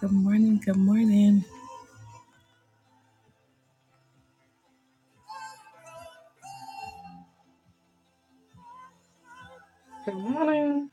Good morning. Good morning. Good morning.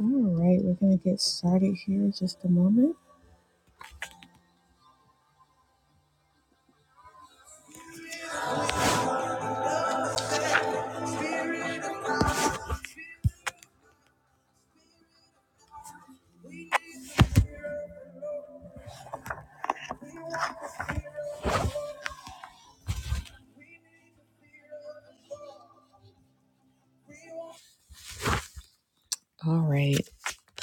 All right, we're gonna get started here in just a moment. All right.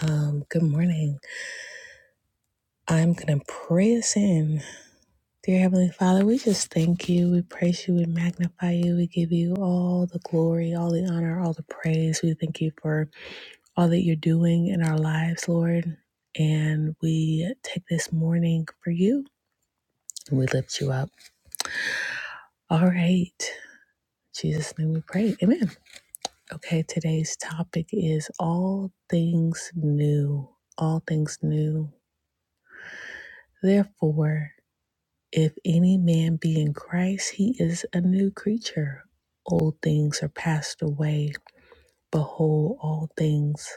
Um, good morning. I'm gonna pray us in. Dear Heavenly Father, we just thank you. We praise you. We magnify you. We give you all the glory, all the honor, all the praise. We thank you for all that you're doing in our lives, Lord. And we take this morning for you and we lift you up. All right. In Jesus' name we pray. Amen. Okay, today's topic is all things new. All things new. Therefore, if any man be in Christ, he is a new creature. Old things are passed away. Behold, all things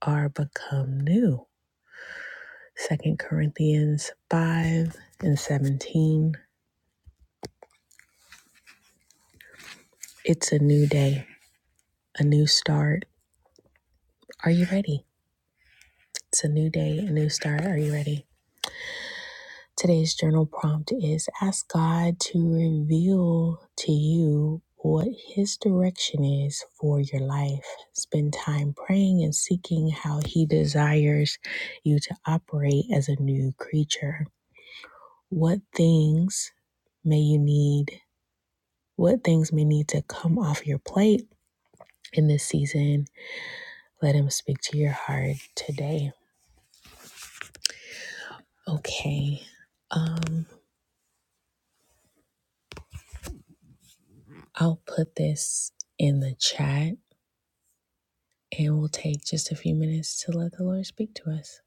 are become new. Second Corinthians 5 and 17. It's a new day, a new start. Are you ready? It's a new day, a new start. Are you ready? Today's journal prompt is ask God to reveal to you what His direction is for your life. Spend time praying and seeking how He desires you to operate as a new creature. What things may you need? What things may need to come off your plate in this season? Let Him speak to your heart today. Okay, um, I'll put this in the chat It will take just a few minutes to let the Lord speak to us.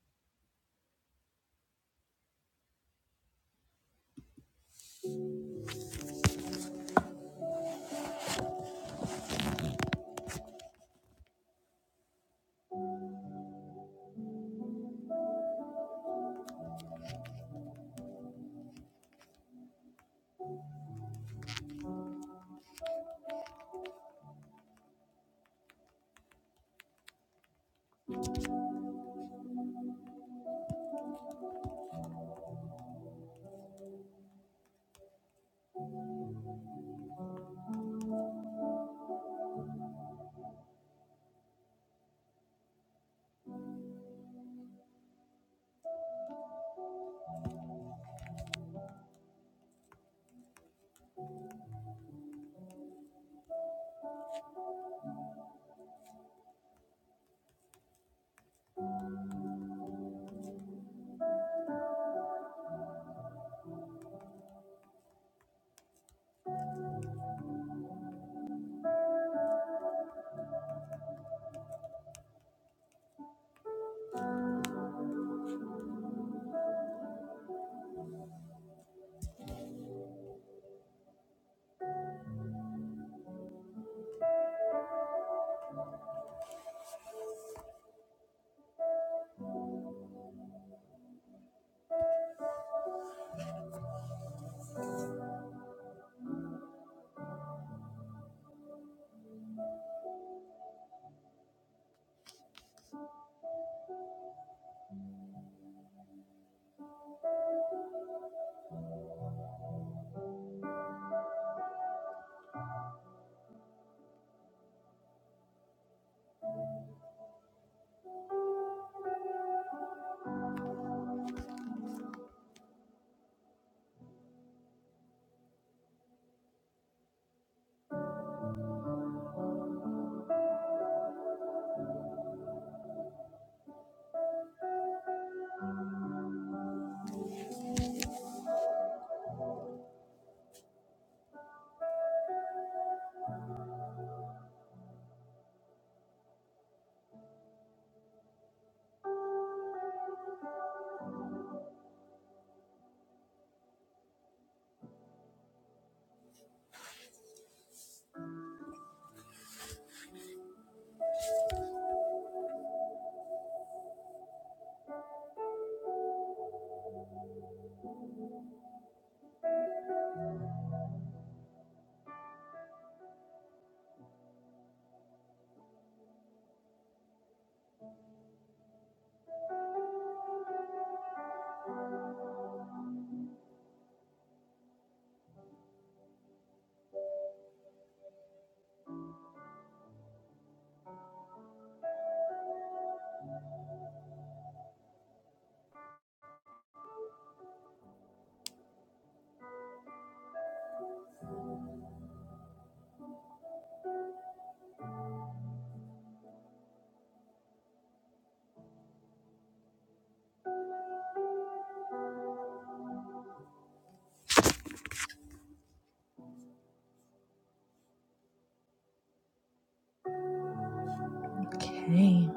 Okay.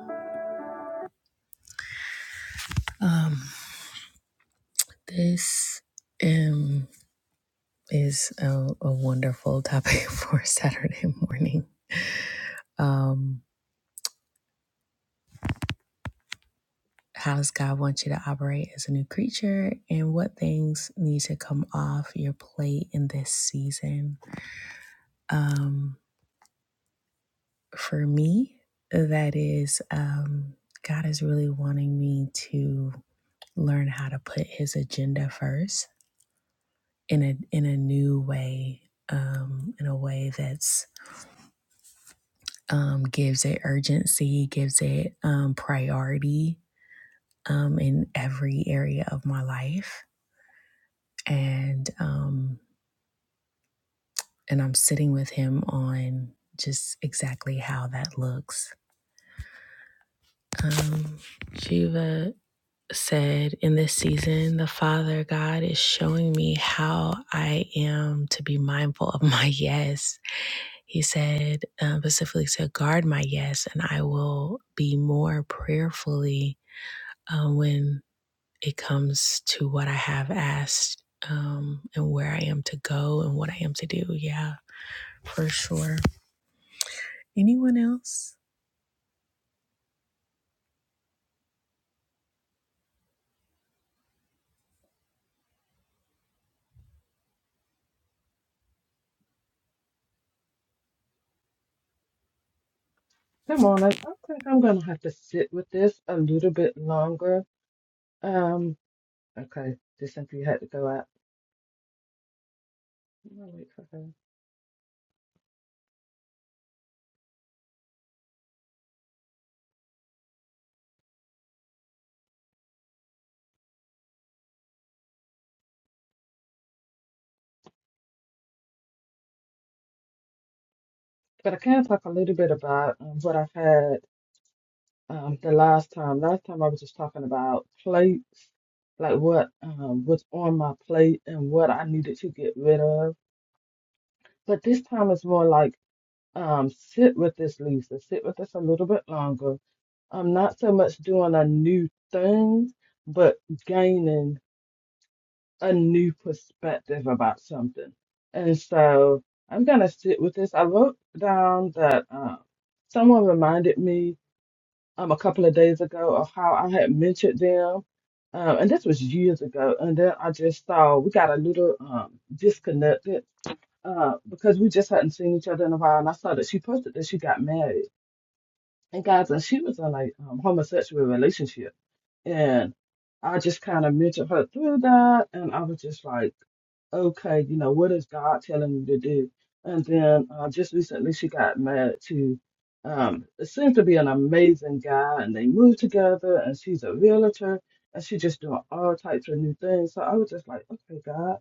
Um, this um is a, a wonderful topic for Saturday morning. Um, how does God want you to operate as a new creature, and what things need to come off your plate in this season? Um, for me, that is, um, God is really wanting me to learn how to put His agenda first in a in a new way, um, in a way that's um, gives it urgency, gives it um, priority um, in every area of my life, and um, and I'm sitting with him on just exactly how that looks. Um, Shiva. said in this season, the Father God is showing me how I am to be mindful of my yes. He said um, specifically to guard my yes, and I will be more prayerfully um, when it comes to what I have asked um, and where I am to go and what I am to do. Yeah, for sure. Anyone else? Good morning. I think I'm gonna have to sit with this a little bit longer. Um, okay, just simply had to go out. I'm gonna wait for her. But I can talk a little bit about um, what I've had um the last time. Last time I was just talking about plates, like what um was on my plate and what I needed to get rid of. But this time it's more like um sit with this, Lisa. Sit with this a little bit longer. I'm not so much doing a new thing, but gaining. a new perspective about something. And so I'm going to sit with this. I wrote down that um, someone reminded me um, a couple of days ago of how I had mentioned them. Um, and this was years ago. And then I just saw we got a little um, disconnected uh, because we just hadn't seen each other in a while. And I saw that she posted that she got married. And guys, and she was in a um, homosexual relationship. And I just kind of mentioned her through that. And I was just like, okay, you know, what is God telling you to do? And then uh, just recently, she got married to, um, it seems to be an amazing guy, and they moved together, and she's a realtor, and she's just doing all types of new things. So I was just like, okay, God,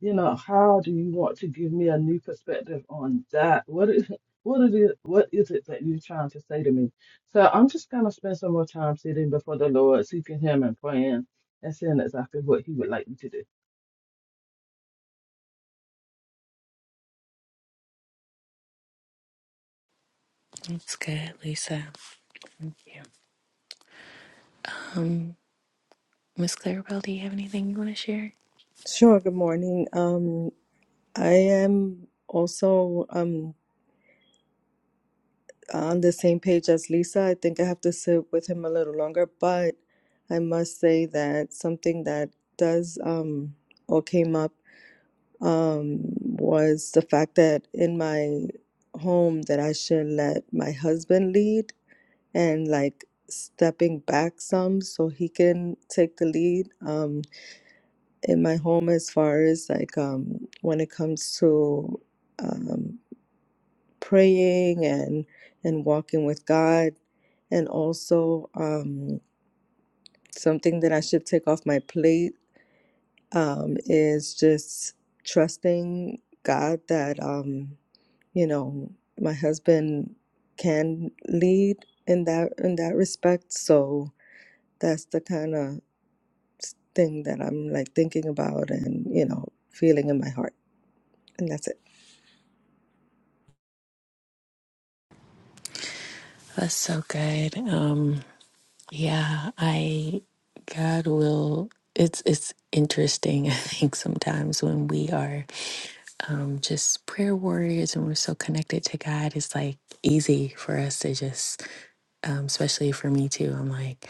you know, how do you want to give me a new perspective on that? What is What is it? What is it that you're trying to say to me? So I'm just gonna spend some more time sitting before the Lord, seeking Him and praying, and seeing exactly what He would like me to do. That's good, Lisa. Um, Miss Clarabelle, do you have anything you want to share? Sure, good morning. Um, I am also um on the same page as Lisa. I think I have to sit with him a little longer, but I must say that something that does um or came up um was the fact that in my home that I should let my husband lead and like stepping back some so he can take the lead. Um, in my home as far as like um, when it comes to um, praying and and walking with God, and also um, something that I should take off my plate um, is just trusting God that um, you know my husband can lead in that in that respect. So that's the kind of thing that I'm like thinking about and you know feeling in my heart, and that's it. That's so good. Um. Yeah, I God will it's it's interesting I think sometimes when we are um just prayer warriors and we're so connected to God it's like easy for us to just um especially for me too I'm like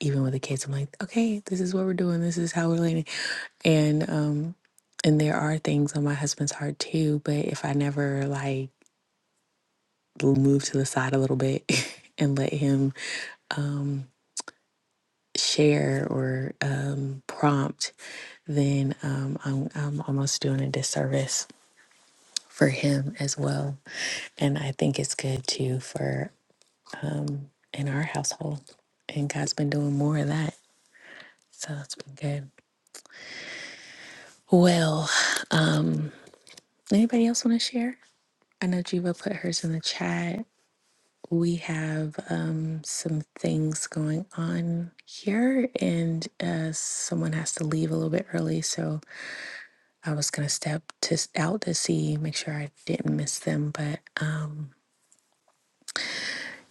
even with the kids I'm like okay this is what we're doing this is how we're leaning and um and there are things on my husband's heart too but if I never like move to the side a little bit and let him um, share or um, prompt, then um, I'm, I'm almost doing a disservice for him as well. And I think it's good too for um, in our household. And God's been doing more of that. So it's been good. Well, um, anybody else want to share? I know Jiva put hers in the chat. We have um, some things going on here, and uh, someone has to leave a little bit early. So I was gonna step to out to see, make sure I didn't miss them. But um,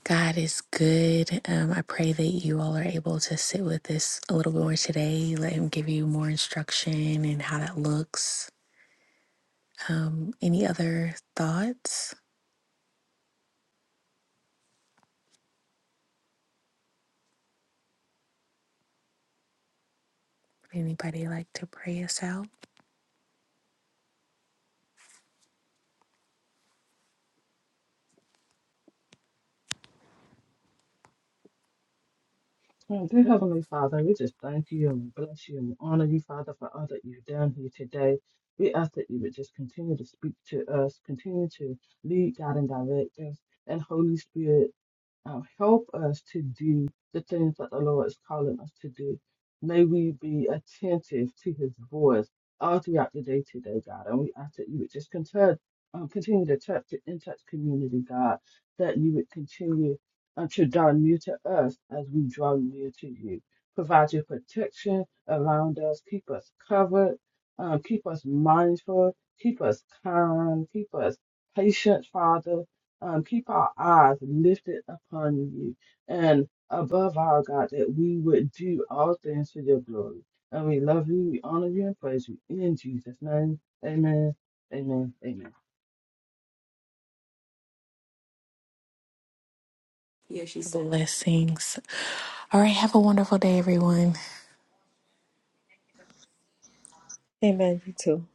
God is good. Um, I pray that you all are able to sit with this a little bit more today. Let Him give you more instruction and how that looks. Um, any other thoughts? Would Anybody like to pray us out? Oh, dear Heavenly Father, we just thank you and we bless you and we honor you, Father, for all that you've done here today. We ask that you would just continue to speak to us, continue to lead, guide, and direct us. And Holy Spirit, um, help us to do the things that the Lord is calling us to do. May we be attentive to His voice all throughout the day today, God. And we ask that you would just continue, um, continue to touch the in touch community, God. That you would continue until draw near to us as we draw near to you. Provide your protection around us. Keep us covered. Um, keep us mindful. Keep us calm. Keep us patient, Father. Um, keep our eyes lifted upon you. And above all, God, that we would do all things for your glory. And we love you, we honor you, and praise you. In Jesus' name, amen, amen, amen. Blessings. All right. Have a wonderful day, everyone. Amen. You too.